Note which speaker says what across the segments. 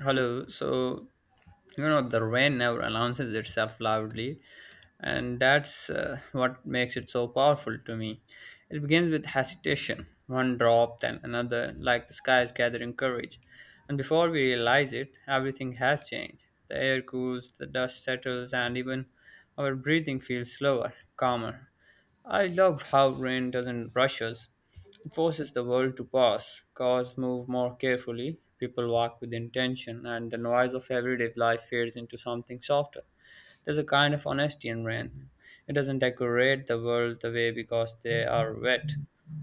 Speaker 1: Hello. The rain never announces itself loudly, and that's what makes it so powerful to me. It begins with hesitation, one drop, then another, like the sky is gathering courage. And before we realize it, everything has changed. The air cools, the dust settles, and even our breathing feels slower, calmer. I love how rain doesn't rush us. It forces the world to pause, cars move more carefully, people walk with intention, and the noise of everyday life fades into something softer. There's a kind of honesty in rain. It doesn't decorate the world the way because they are wet,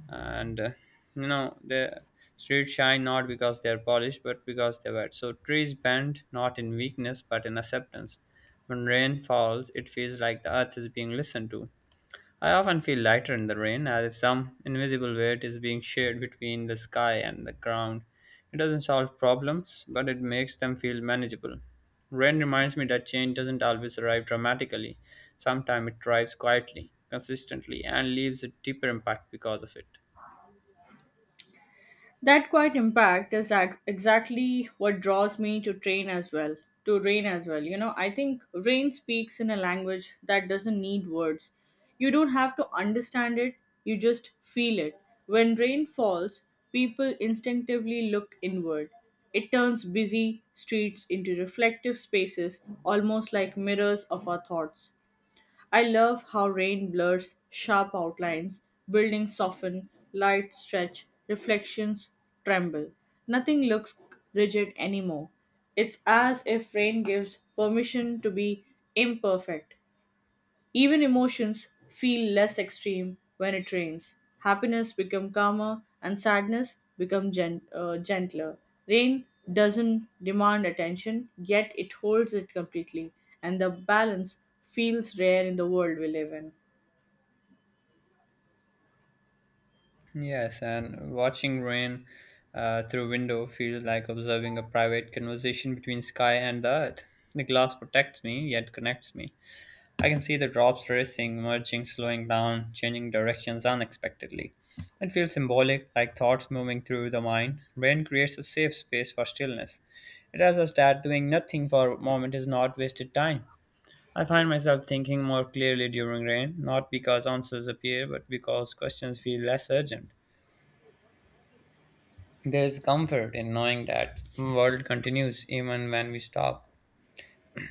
Speaker 1: and the streets shine not because they are polished but because they're wet. So trees bend not in weakness but in acceptance. When rain falls, it feels like the earth is being listened to. I often feel lighter in the rain, as if some invisible weight is being shared between the sky and the ground. It doesn't solve problems, but it makes them feel manageable. Rain reminds me that change doesn't always arrive dramatically. Sometimes it arrives quietly, consistently, and leaves a deeper impact because of it.
Speaker 2: That quite impact is exactly what draws me to rain as well. You know, I think rain speaks in a language that doesn't need words. You don't have to understand it, you just feel it. When rain falls, people instinctively look inward. It turns busy streets into reflective spaces, almost like mirrors of our thoughts. I love how rain blurs sharp outlines, buildings soften, lights stretch, reflections tremble. Nothing looks rigid anymore. It's as if rain gives permission to be imperfect. Even emotions feel less extreme when it rains. Happiness become calmer and sadness become gentler. Rain doesn't demand attention, yet it holds it completely, and the balance feels rare in the world we live in.
Speaker 1: Yes, and watching rain through window feels like observing a private conversation between sky and the earth. The glass protects me, yet connects me. I can see the drops racing, merging, slowing down, changing directions unexpectedly. It feels symbolic, like thoughts moving through the mind. Rain creates a safe space for stillness. It tells us that doing nothing for a moment is not wasted time. I find myself thinking more clearly during rain, not because answers appear, but because questions feel less urgent. There is comfort in knowing that the world continues even when we stop.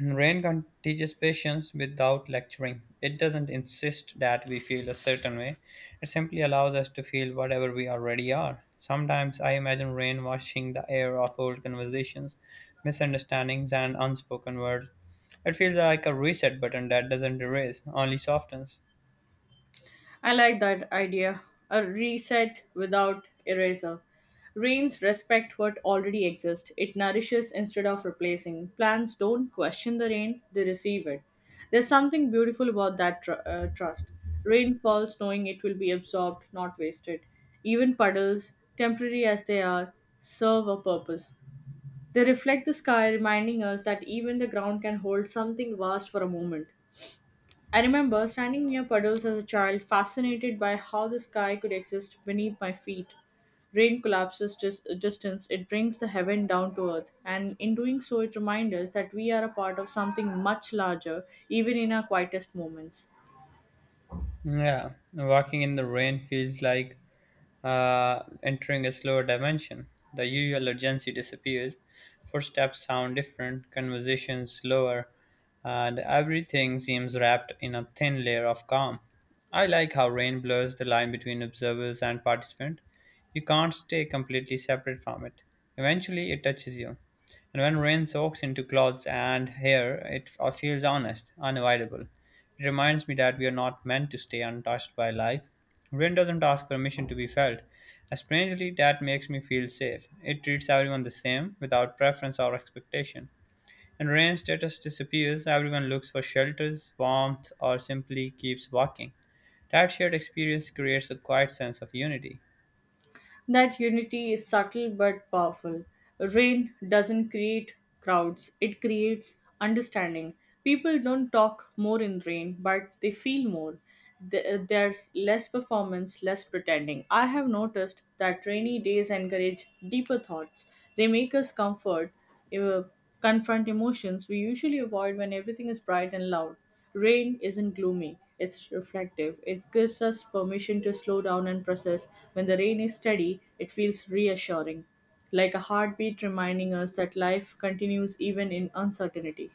Speaker 1: Rain can teach patience without lecturing. It doesn't insist that we feel a certain way. It simply allows us to feel whatever we already are. Sometimes I imagine rain washing the air of old conversations, misunderstandings, and unspoken words. It feels like a reset button that doesn't erase, only softens.
Speaker 2: I like that idea. A reset without eraser. Rains respect what already exists. It nourishes instead of replacing. Plants don't question the rain, they receive it. There's something beautiful about that trust. Rain falls knowing it will be absorbed, not wasted. Even puddles, temporary as they are, serve a purpose. They reflect the sky, reminding us that even the ground can hold something vast for a moment. I remember standing near puddles as a child, fascinated by how the sky could exist beneath my feet. Rain collapses distance, it brings the heaven down to earth, and in doing so, it reminds us that we are a part of something much larger, even in our quietest moments.
Speaker 1: Yeah, walking in the rain feels like entering a slower dimension. The usual urgency disappears. Footsteps sound different, conversations slower, and everything seems wrapped in a thin layer of calm. I like how rain blurs the line between observers and participant. You can't stay completely separate from it. Eventually, it touches you. And when rain soaks into clothes and hair, it feels honest, unavoidable. It reminds me that we are not meant to stay untouched by life. Rain doesn't ask permission to be felt. And strangely, that makes me feel safe. It treats everyone the same, without preference or expectation. When rain status disappears, everyone looks for shelters, warmth, or simply keeps walking. That shared experience creates a quiet sense of unity.
Speaker 2: That unity is subtle but powerful. Rain doesn't create crowds, it creates understanding. People don't talk more in rain, but they feel more. There's less performance, less pretending. I have noticed that rainy days encourage deeper thoughts. They make us comfort uh, confront emotions we usually avoid when everything is bright and loud. Rain isn't gloomy, it's reflective. It gives us permission to slow down and process. When the rain is steady, it feels reassuring, like a heartbeat reminding us that life continues even in uncertainty.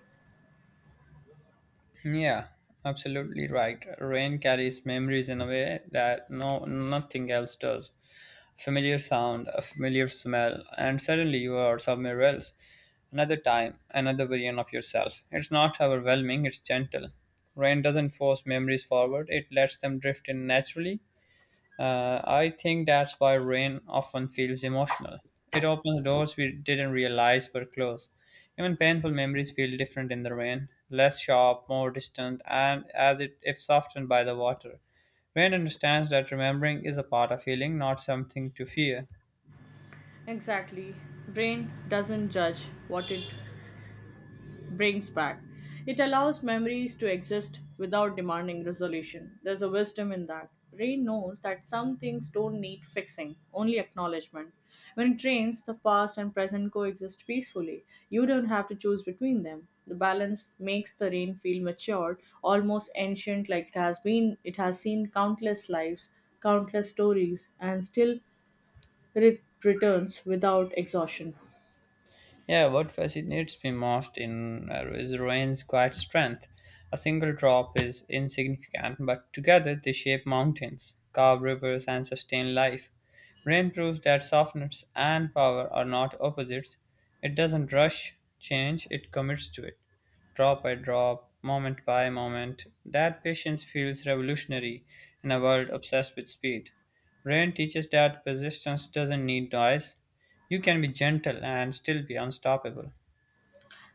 Speaker 1: Yeah, absolutely right. Rain carries memories in a way that no nothing else does. A familiar sound, a familiar smell, and suddenly you are somewhere else. Another time, another version of yourself. It's not overwhelming, it's gentle. Rain doesn't force memories forward, it lets them drift in naturally. I think that's why rain often feels emotional. It opens doors we didn't realize were closed. Even painful memories feel different in the rain, less sharp, more distant, and as it if softened by the water. Rain understands that remembering is a part of healing, not something to fear.
Speaker 2: Exactly. Brain doesn't judge what it brings back. It allows memories to exist without demanding resolution. There's a wisdom in that. Rain knows that some things don't need fixing, only acknowledgement. When it rains, the past and present coexist peacefully. You don't have to choose between them. The balance makes the rain feel matured, almost ancient like it has seen countless lives, countless stories, and still it returns without exhaustion.
Speaker 1: Yeah, what fascinates me most in is rain's quiet strength. A single drop is insignificant, but together they shape mountains, carve rivers, and sustain life. Rain proves that softness and power are not opposites. It doesn't rush change, it commits to it, drop by drop, moment by moment. That patience feels revolutionary in a world obsessed with speed. Rain teaches that persistence doesn't need noise, you can be gentle and still be unstoppable.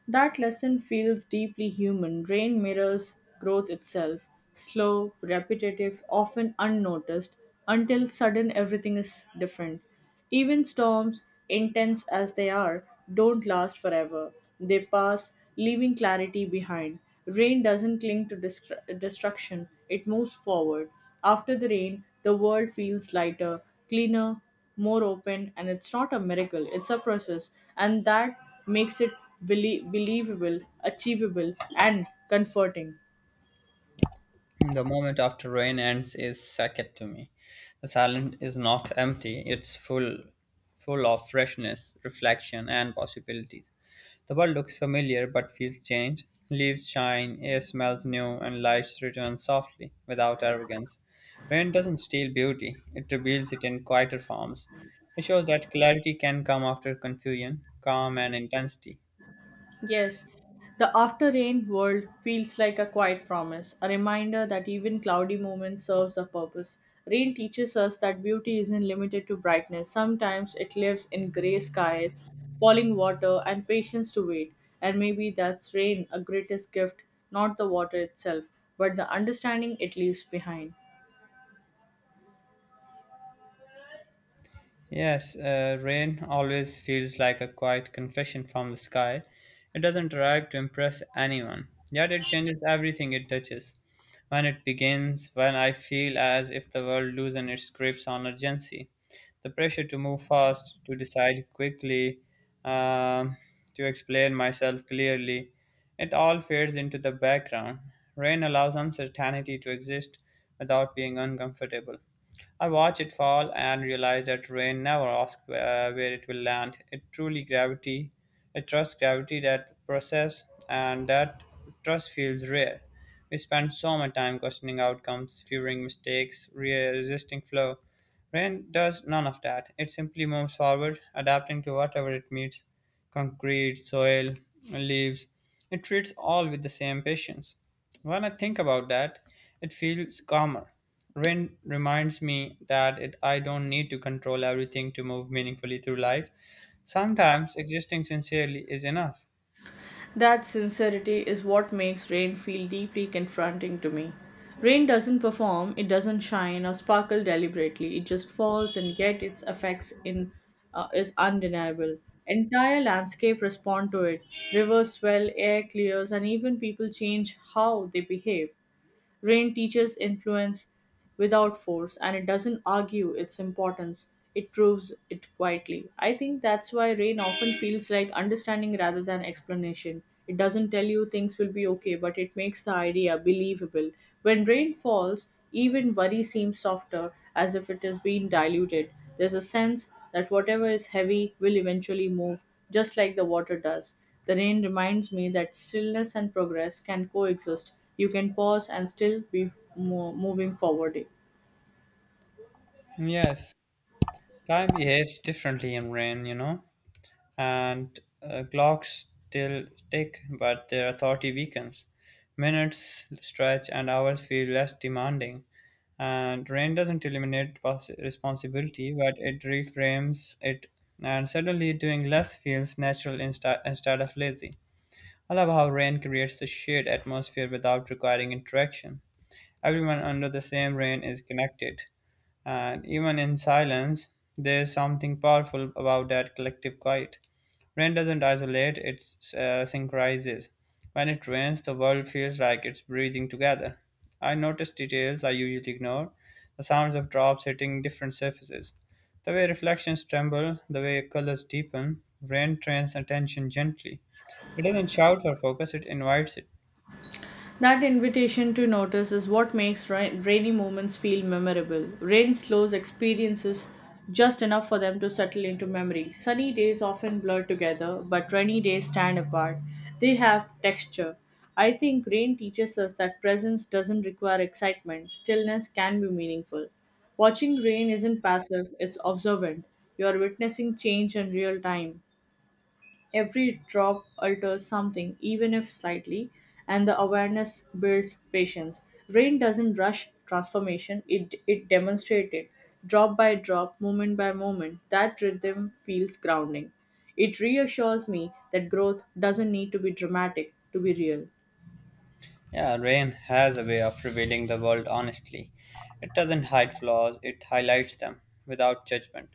Speaker 2: That lesson feels deeply human. Rain mirrors growth itself slow, repetitive, often unnoticed, until sudden everything is different. Even storms, intense as they are, don't last forever. They pass, leaving clarity behind. Rain doesn't cling to destruction, it moves forward. After the rain, the world feels lighter, cleaner, more open, and it's not a miracle, it's a process, and that makes it believable, achievable, and comforting.
Speaker 1: The moment after rain ends is sacred to me. The silence is not empty, it's full of freshness, reflection and possibilities. The world looks familiar but feels changed. Leaves shine, air smells new, and life returns softly, without arrogance. Rain doesn't steal beauty, it reveals it in quieter forms. It shows that clarity can come after confusion, calm and intensity.
Speaker 2: Yes, the after rain world feels like a quiet promise, a reminder that even cloudy moments serves a purpose. Rain teaches us that beauty isn't limited to brightness, sometimes it lives in gray skies, falling water, and patience to wait. And maybe that's rain a greatest gift, not the water itself, but the understanding it leaves behind.
Speaker 1: Yes, rain always feels like a quiet confession from the sky. It doesn't arrive to impress anyone, yet it changes everything it touches. When it begins, when I feel as if the world loosens its grips on urgency, the pressure to move fast, to decide quickly, um, to explain myself clearly, it all fades into the background. Rain allows uncertainty to exist without being uncomfortable. I watched it fall and realized that rain never asks where it will land. It truly gravity, it trusts gravity that process, and that trust feels rare. We spend so much time questioning outcomes, fearing mistakes, resisting flow. Rain does none of that. It simply moves forward, adapting to whatever it meets concrete, soil, leaves. It treats all with the same patience. When I think about that, it feels calmer. Rain reminds me that it, I don't need to control everything to move meaningfully through life. Sometimes existing sincerely is enough.
Speaker 2: That sincerity is what makes rain feel deeply confronting to me. Rain doesn't perform, it doesn't shine or sparkle deliberately. It just falls, and yet its effects in is undeniable. Entire landscape respond to it. Rivers swell, air clears, and even people change how they behave. Rain teaches influence without force, and it doesn't argue its importance, it proves it quietly. I think that's why rain often feels like understanding rather than explanation. It doesn't tell you things will be okay, but it makes the idea believable. When rain falls, even worry seems softer, as if it is being diluted. There's a sense that whatever is heavy will eventually move, just like the water does. The rain reminds me that stillness and progress can coexist. You can pause and still be moving forward.
Speaker 1: Yes, time behaves differently in rain, you know. And clocks still tick, but their authority weakens. Minutes stretch and hours feel less demanding. And rain doesn't eliminate responsibility, but it reframes it, and suddenly doing less feels natural instead of lazy. I love how rain creates a shared atmosphere without requiring interaction. Everyone under the same rain is connected, and even in silence, there's something powerful about that collective quiet. Rain doesn't isolate, it synchronizes. When it rains, the world feels like it's breathing together. I notice details I usually ignore the sounds of drops hitting different surfaces, the way reflections tremble, the way colors deepen. Rain trains attention gently. It doesn't shout or focus, it invites it.
Speaker 2: That invitation to notice is what makes rainy moments feel memorable. Rain slows experiences just enough for them to settle into memory. Sunny days often blur together, but rainy days stand apart. They have texture. I think rain teaches us that presence doesn't require excitement, stillness can be meaningful. Watching rain isn't passive, it's observant. You are witnessing change in real time. Every drop alters something, even if slightly, and the awareness builds patience. Rain doesn't rush transformation, it demonstrates it. Drop by drop, moment by moment, that rhythm feels grounding. It reassures me that growth doesn't need to be dramatic to be real.
Speaker 1: Yeah, rain has a way of revealing the world honestly. It doesn't hide flaws, it highlights them without judgment.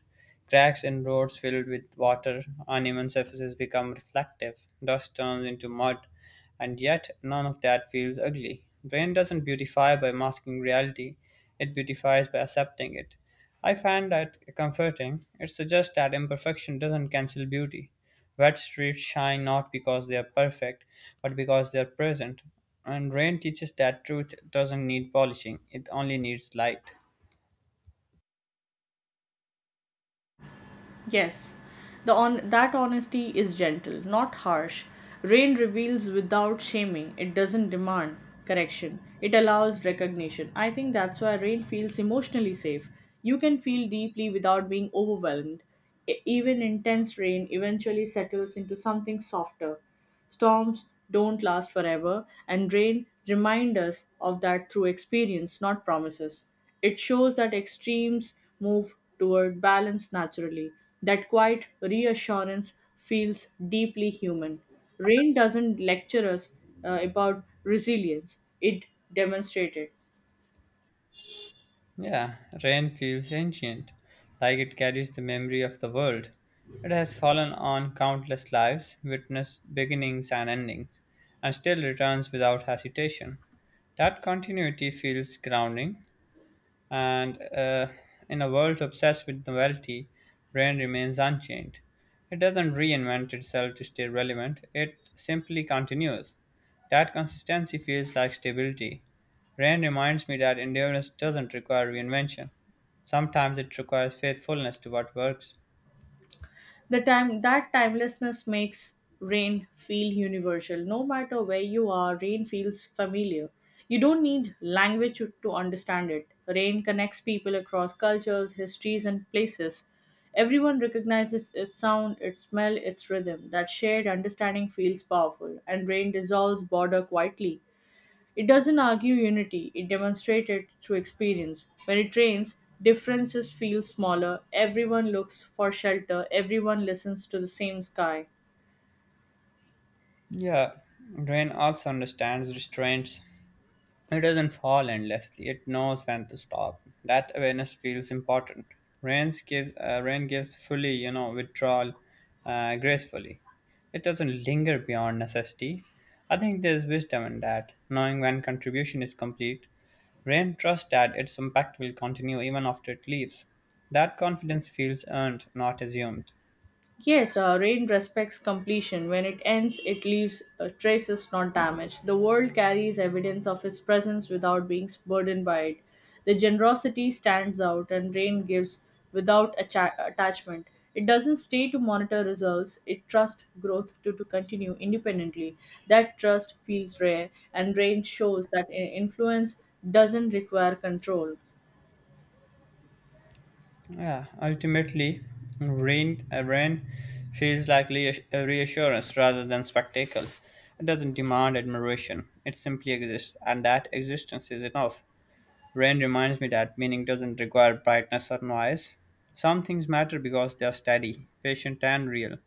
Speaker 1: Cracks in roads filled with water, uneven surfaces become reflective, dust turns into mud, and yet none of that feels ugly. Rain doesn't beautify by masking reality, it beautifies by accepting it. I find that comforting. It suggests that imperfection doesn't cancel beauty. Wet streets shine not because they are perfect, but because they are present. And rain teaches that truth doesn't need polishing, it only needs light.
Speaker 2: Yes, the on that honesty is gentle, not harsh. Rain reveals without shaming. It doesn't demand correction. It allows recognition. I think that's why rain feels emotionally safe. You can feel deeply without being overwhelmed. Even intense rain eventually settles into something softer. Storms don't last forever, and rain reminds us of that through experience, not promises. It shows that extremes move toward balance naturally. That quiet reassurance feels deeply human. Rain doesn't lecture us about resilience, it demonstrates it.
Speaker 1: Yeah, rain feels ancient, like it carries the memory of the world. It has fallen on countless lives, witnessed beginnings and endings, and still returns without hesitation. That continuity feels grounding, and in a world obsessed with novelty, brain remains unchained. It doesn't reinvent itself to stay relevant, it simply continues. That consistency feels like stability. Rain reminds me that endurance doesn't require reinvention. Sometimes it requires faithfulness to what works.
Speaker 2: The time that timelessness makes rain feel universal. No matter where you are, rain feels familiar. You don't need language to understand it. Rain connects people across cultures, histories, and places. Everyone recognizes its sound, its smell, its rhythm. That shared understanding feels powerful, and rain dissolves border quietly. It doesn't argue unity, it demonstrates it through experience. When it rains, differences feel smaller, everyone looks for shelter, everyone listens to the same sky.
Speaker 1: Yeah, rain also understands restraints. It doesn't fall endlessly. It knows when to stop. That awareness feels important. Rain gives fully, you know, withdrawal gracefully. It doesn't linger beyond necessity. I think there's wisdom in that, knowing when contribution is complete. Rain trusts that its impact will continue even after it leaves. That confidence feels earned, not assumed.
Speaker 2: Yes, rain respects completion. When it ends, it leaves traces, not damage. The world carries evidence of its presence without being burdened by it. The generosity stands out, and rain gives without attachment. It doesn't stay to monitor results, it trusts growth to continue independently. That trust feels rare, and rain shows that influence doesn't require control.
Speaker 1: Yeah, ultimately, rain feels like a reassurance rather than spectacle. It doesn't demand admiration, it simply exists, and that existence is enough. Rain reminds me that meaning doesn't require brightness or noise. Some things matter because they are steady, patient, and real.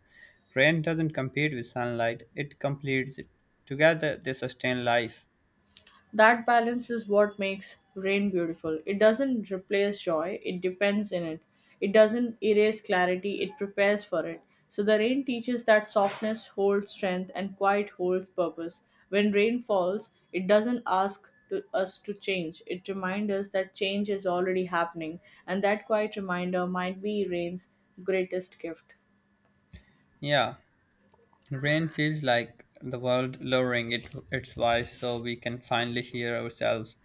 Speaker 1: Rain doesn't compete with sunlight, it completes it. Together, they sustain life.
Speaker 2: That balance is what makes rain beautiful. It doesn't replace joy, it depends in it. It doesn't erase clarity, it prepares for it. So the rain teaches that softness holds strength and quiet holds purpose. When rain falls, it doesn't us to change. It reminds us that change is already happening, and that quiet reminder might be rain's greatest gift.
Speaker 1: Yeah, rain feels like the world lowering it, its voice so we can finally hear ourselves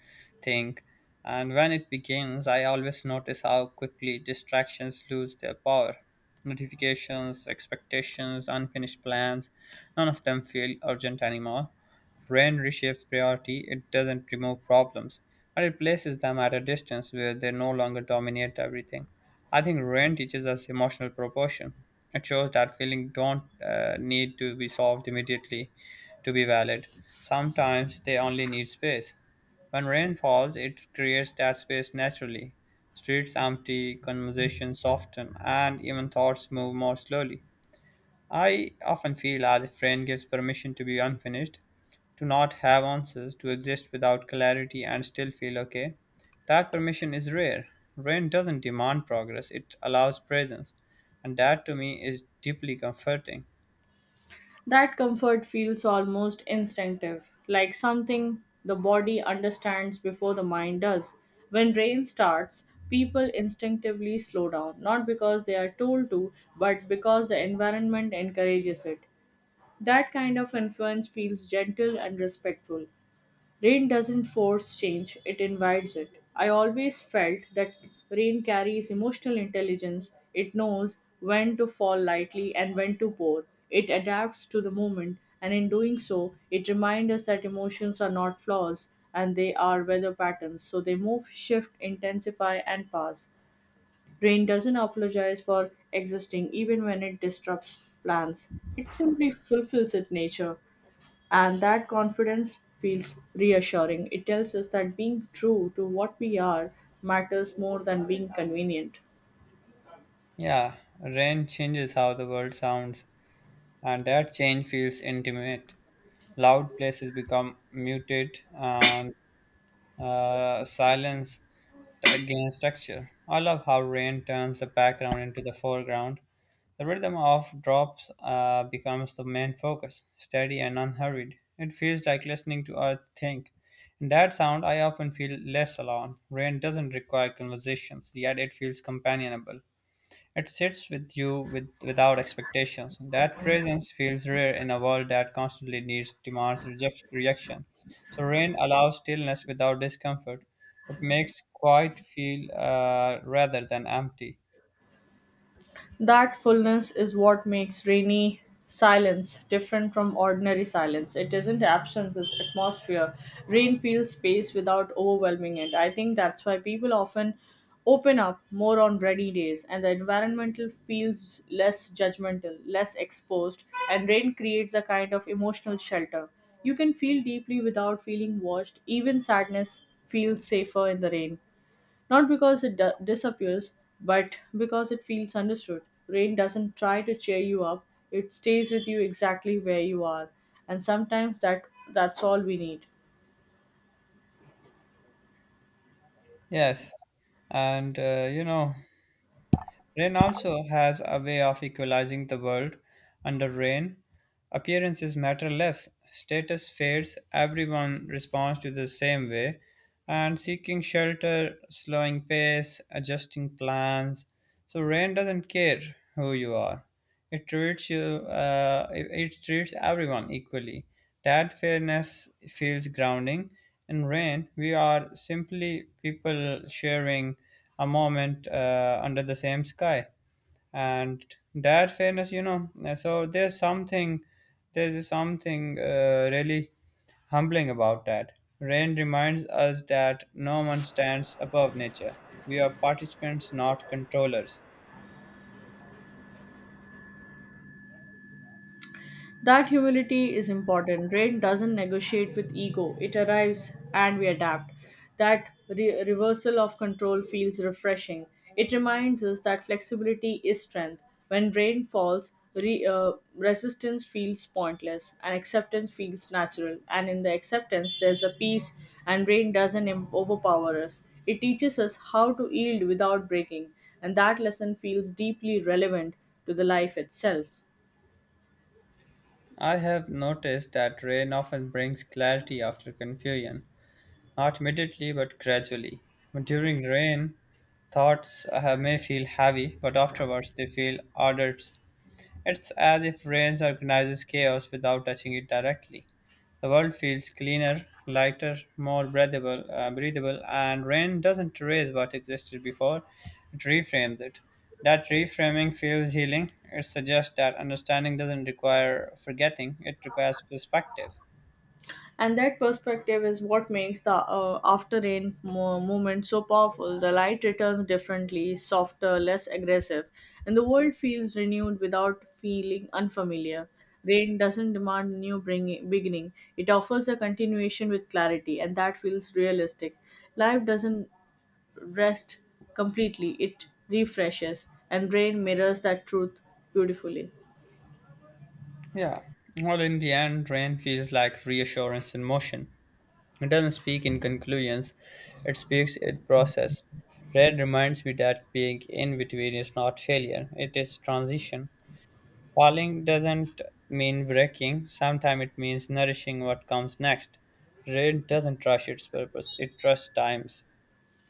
Speaker 1: think. And when it begins, I always notice how quickly distractions lose their power. Notifications, expectations, unfinished plans, none of them feel urgent anymore. When reshapes priority, it doesn't remove problems, but it places them at a distance where they no longer dominate everything. I think rain teaches us emotional proportion. It shows that feelings don't need to be solved immediately to be valid. Sometimes they only need space. When rain falls, it creates that space naturally. Streets empty, conversations soften, and even thoughts move more slowly. I often feel as if rain gives permission to be unfinished, to not have answers, to exist without clarity and still feel okay. That permission is rare. Rain doesn't demand progress, it allows presence, and that to me is deeply comforting.
Speaker 2: That comfort feels almost instinctive, like something the body understands before the mind does. When rain starts, people instinctively slow down, not because they are told to, but because the environment encourages it. That kind of influence feels gentle and respectful. Rain doesn't force change, it invites it. I always felt that rain carries emotional intelligence. It knows when to fall lightly and when to pour. It adapts to the moment, and in doing so, it reminds us that emotions are not flaws and they are weather patterns. So they move, shift, intensify, and pass. Rain doesn't apologize for existing even when it disrupts plans. It simply fulfills its nature. And that confidence feels reassuring. It tells us that being true to what we are matters more than being convenient.
Speaker 1: Yeah, rain changes how the world sounds, and that change feels intimate. Loud places become muted, and silence gains texture. I love how rain turns the background into the foreground, the rhythm of drops becomes the main focus, steady and unhurried. It feels like listening to Earth think. In that sound, I often feel less alone. Rain doesn't require conversations, yet it feels companionable. It sits with you without expectations. That presence feels rare in a world that constantly needs demands reject, reaction. So rain allows stillness without discomfort. It makes quiet feel rather than empty.
Speaker 2: That fullness is what makes rainy silence different from ordinary silence. It isn't absence, it's atmosphere. Rain fills space without overwhelming it. I think that's why people often open up more on rainy days, and the environmental feels less judgmental, less exposed, and rain creates a kind of emotional shelter. You can feel deeply without feeling watched. Even sadness feels safer in the rain. Not because it disappears, but because it feels understood. Rain doesn't try to cheer you up, it stays with you exactly where you are. And sometimes that's all we need.
Speaker 1: Yes, and Rain also has a way of equalizing the world. Under rain, appearances matter less, status fades, everyone responds to the same way, and seeking shelter, slowing pace, adjusting plans. So, rain doesn't care who you are, it treats you, it treats everyone equally. That fairness feels grounding. In rain, we are simply people sharing a moment under the same sky, and that fairness so there's something really humbling about that. Rain reminds us that no one stands above nature, we are participants, not controllers.
Speaker 2: That humility is important. Rain doesn't negotiate with ego, it arrives and we adapt. That reversal of control feels refreshing. It reminds us that flexibility is strength. When rain falls, resistance feels pointless and acceptance feels natural. And in the acceptance, there's a peace, and rain doesn't overpower us. It teaches us how to yield without breaking, and that lesson feels deeply relevant to the life itself.
Speaker 1: I have noticed that rain often brings clarity after confusion, not immediately but gradually. During rain, thoughts may feel heavy, but afterwards they feel ordered. It's as if rain organizes chaos without touching it directly. The world feels cleaner, lighter, more breathable, and rain doesn't erase what existed before, it reframes it. That reframing feels healing. It suggests that understanding doesn't require forgetting, it requires perspective.
Speaker 2: And that perspective is what makes the after rain moment so powerful. The light returns differently, softer, less aggressive, and the world feels renewed without feeling unfamiliar. Rain doesn't demand new beginning, it offers a continuation with clarity, and that feels realistic. Life doesn't rest completely, it refreshes, and rain mirrors that truth beautifully.
Speaker 1: Yeah. Well, in the end, rain feels like reassurance in motion. It doesn't speak in conclusions, it speaks in process. Rain reminds me that being in between is not failure, it is transition. Falling doesn't mean breaking, sometimes it means nourishing what comes next. Rain doesn't rush its purpose, it trusts times.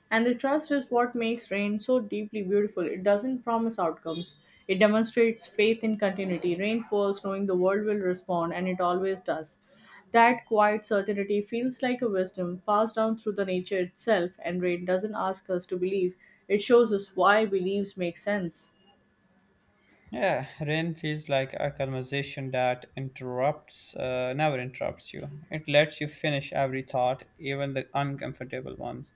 Speaker 2: And the trust is what makes rain so deeply beautiful. It doesn't promise outcomes, it demonstrates faith in continuity. Rain falls knowing the world will respond, and it always does. That quiet certainty feels like a wisdom passed down through the nature itself, and rain doesn't ask us to believe, it shows us why beliefs make sense.
Speaker 1: Yeah, rain feels like a conversation that never interrupts you. It lets you finish every thought, even the uncomfortable ones.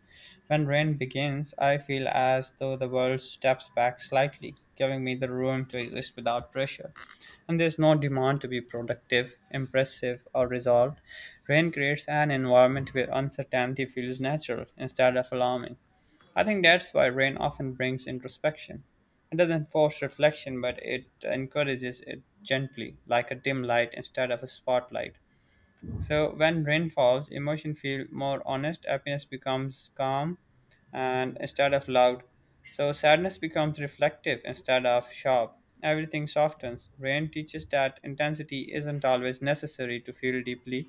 Speaker 1: When rain begins, I feel as though the world steps back slightly, giving me the room to exist without pressure. And there's no demand to be productive, impressive, or resolved. Rain creates an environment where uncertainty feels natural instead of alarming. I think that's why rain often brings introspection. It doesn't force reflection, but it encourages it gently, like a dim light instead of a spotlight. So when rain falls, emotion feel more honest, happiness becomes calm and instead of loud. So sadness becomes reflective instead of sharp. Everything softens. Rain teaches that intensity isn't always necessary to feel deeply.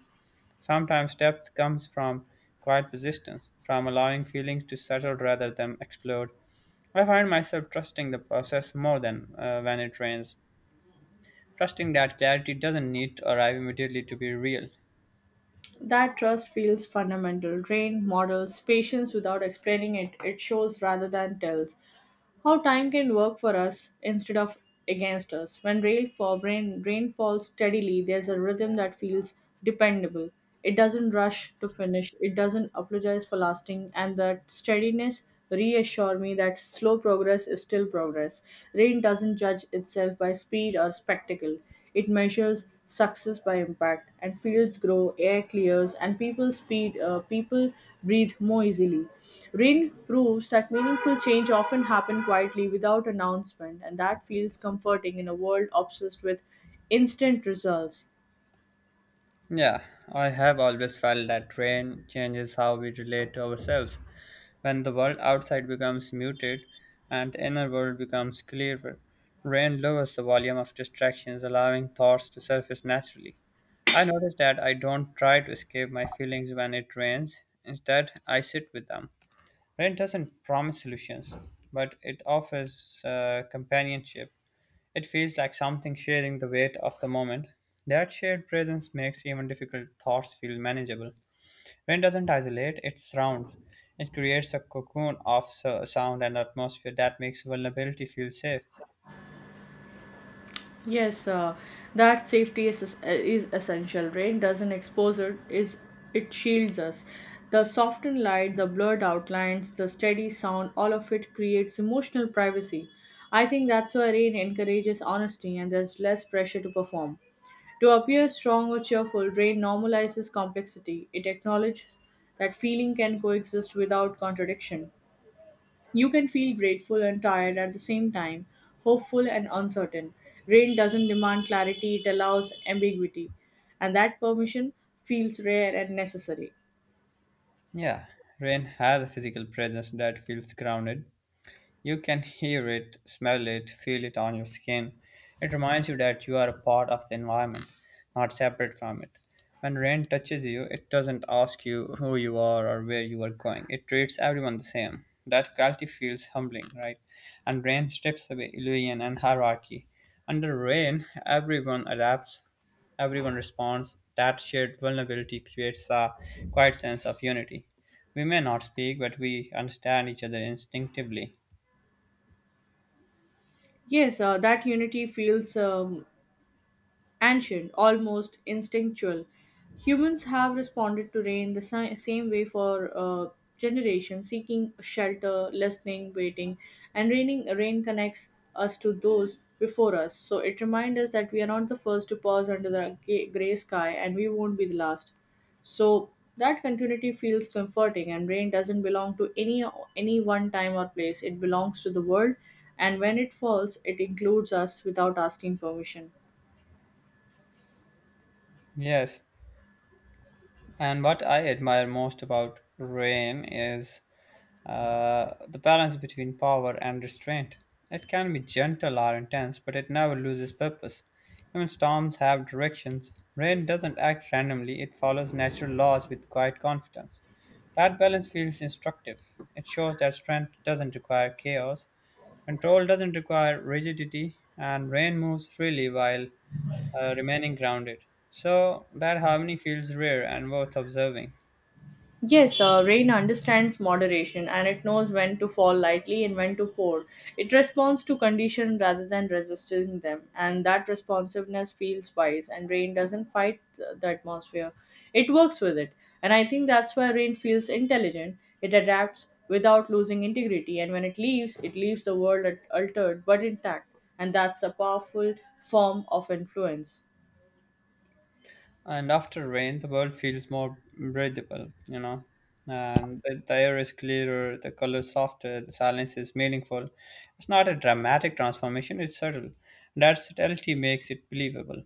Speaker 1: Sometimes depth comes from quiet persistence, from allowing feelings to settle rather than explode. I find myself trusting the process more than when it rains, trusting that clarity doesn't need to arrive immediately to be real.
Speaker 2: That trust feels fundamental. Rain models patience without explaining it. It shows rather than tells. How time can work for us instead of against us. When rain falls steadily, there's a rhythm that feels dependable. It doesn't rush to finish, it doesn't apologize for lasting, and that steadiness reassure me that slow progress is still progress. Rain doesn't judge itself by speed or spectacle. It measures success by impact, and fields grow, air clears, and people speed. People breathe more easily. Rain proves that meaningful change often happen quietly, without announcement, and that feels comforting in a world obsessed with instant results.
Speaker 1: Yeah, I have always felt that rain changes how we relate to ourselves. When the world outside becomes muted and the inner world becomes clearer, rain lowers the volume of distractions, allowing thoughts to surface naturally. I notice that I don't try to escape my feelings when it rains, instead, I sit with them. Rain doesn't promise solutions, but it offers companionship, it feels like something sharing the weight of the moment. That shared presence makes even difficult thoughts feel manageable. Rain doesn't isolate, it surrounds. It creates a cocoon of sound and atmosphere that makes vulnerability feel safe.
Speaker 2: Yes, that safety is is essential. Rain doesn't expose it shields us. The softened light, the blurred outlines, the steady sound, all of it creates emotional privacy. I think that's why rain encourages honesty, and there's less pressure to perform. To appear strong or cheerful, rain normalizes complexity. It acknowledges that feeling can coexist without contradiction. You can feel grateful and tired at the same time, hopeful and uncertain. Rain doesn't demand clarity, it allows ambiguity. And that permission feels rare and necessary.
Speaker 1: Yeah, rain has a physical presence that feels grounded. You can hear it, smell it, feel it on your skin. It reminds you that you are a part of the environment, not separate from it. When rain touches you, it doesn't ask you who you are or where you are going. It treats everyone the same. That quality feels humbling, right? And rain strips away illusion and hierarchy. Under rain, everyone adapts, everyone responds. That shared vulnerability creates a quiet sense of unity. We may not speak, but we understand each other instinctively.
Speaker 2: Yes, that unity feels ancient, almost instinctual. Humans have responded to rain the same way for generations, seeking shelter, listening, waiting, and raining. Rain connects us to those before us, so it reminds us that we are not the first to pause under the gray sky, and we won't be the last. So that continuity feels comforting, and rain doesn't belong to any one time or place. It belongs to the world, and when it falls, it includes us without asking permission.
Speaker 1: Yes, and what I admire most about rain is the balance between power and restraint. It can be gentle or intense, but it never loses purpose. Even storms have directions. Rain doesn't act randomly, it follows natural laws with quiet confidence. That balance feels instructive. It shows that strength doesn't require chaos, control doesn't require rigidity, and rain moves freely while remaining grounded. So that harmony feels rare and worth observing.
Speaker 2: Yes, rain understands moderation and it knows when to fall lightly and when to pour. It responds to condition rather than resisting them, and that responsiveness feels wise. And rain doesn't fight the atmosphere, it works with it. And I think that's why rain feels intelligent. It adapts without losing integrity, and when it leaves the world altered but intact. And that's a powerful form of influence.
Speaker 1: And after rain, the world feels more breathable, you know. And the air is clearer, the colors softer, the silence is meaningful. It's not a dramatic transformation, it's subtle. That subtlety makes it believable.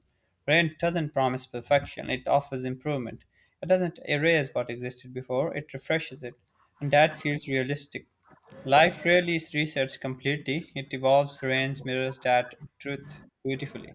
Speaker 1: Rain doesn't promise perfection, it offers improvement. It doesn't erase what existed before, it refreshes it. And that feels realistic. Life rarely is researched completely, it evolves, rain mirrors that truth beautifully.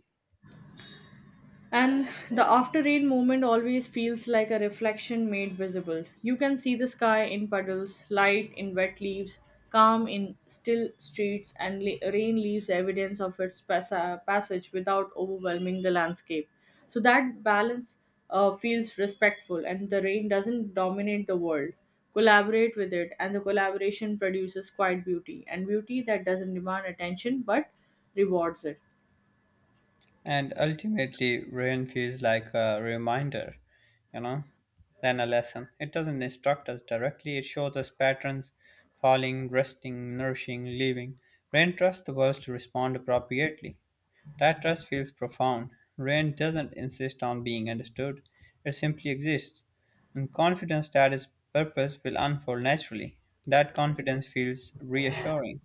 Speaker 2: And the after rain moment always feels like a reflection made visible. You can see the sky in puddles, light in wet leaves, calm in still streets, and rain leaves evidence of its passage without overwhelming the landscape. So that balance feels respectful, and the rain doesn't dominate the world. Collaborate with it, and the collaboration produces quiet beauty, and beauty that doesn't demand attention but rewards it.
Speaker 1: And ultimately, rain feels like a reminder, you know, than a lesson. It doesn't instruct us directly, it shows us patterns falling, resting, nourishing, leaving. Rain trusts the world to respond appropriately. That trust feels profound. Rain doesn't insist on being understood, it simply exists, and confidence that its purpose will unfold naturally. That confidence feels reassuring.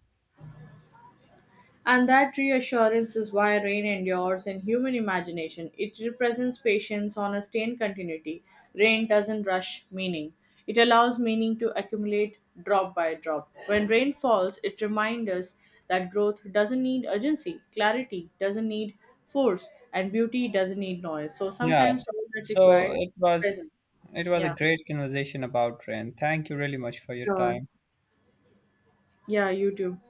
Speaker 2: And that reassurance is why rain endures in human imagination. It represents patience, honesty, and continuity. Rain doesn't rush meaning, it allows meaning to accumulate drop by drop. When rain falls, it reminds us that growth doesn't need urgency, clarity doesn't need force, and beauty doesn't need noise. So
Speaker 1: Yeah.
Speaker 2: sometimes all that
Speaker 1: So
Speaker 2: required
Speaker 1: it
Speaker 2: is
Speaker 1: was
Speaker 2: presence.
Speaker 1: it was a
Speaker 2: Yeah,
Speaker 1: great conversation about rain. Thank you really much for your
Speaker 2: sure.
Speaker 1: time.
Speaker 2: Yeah, you too.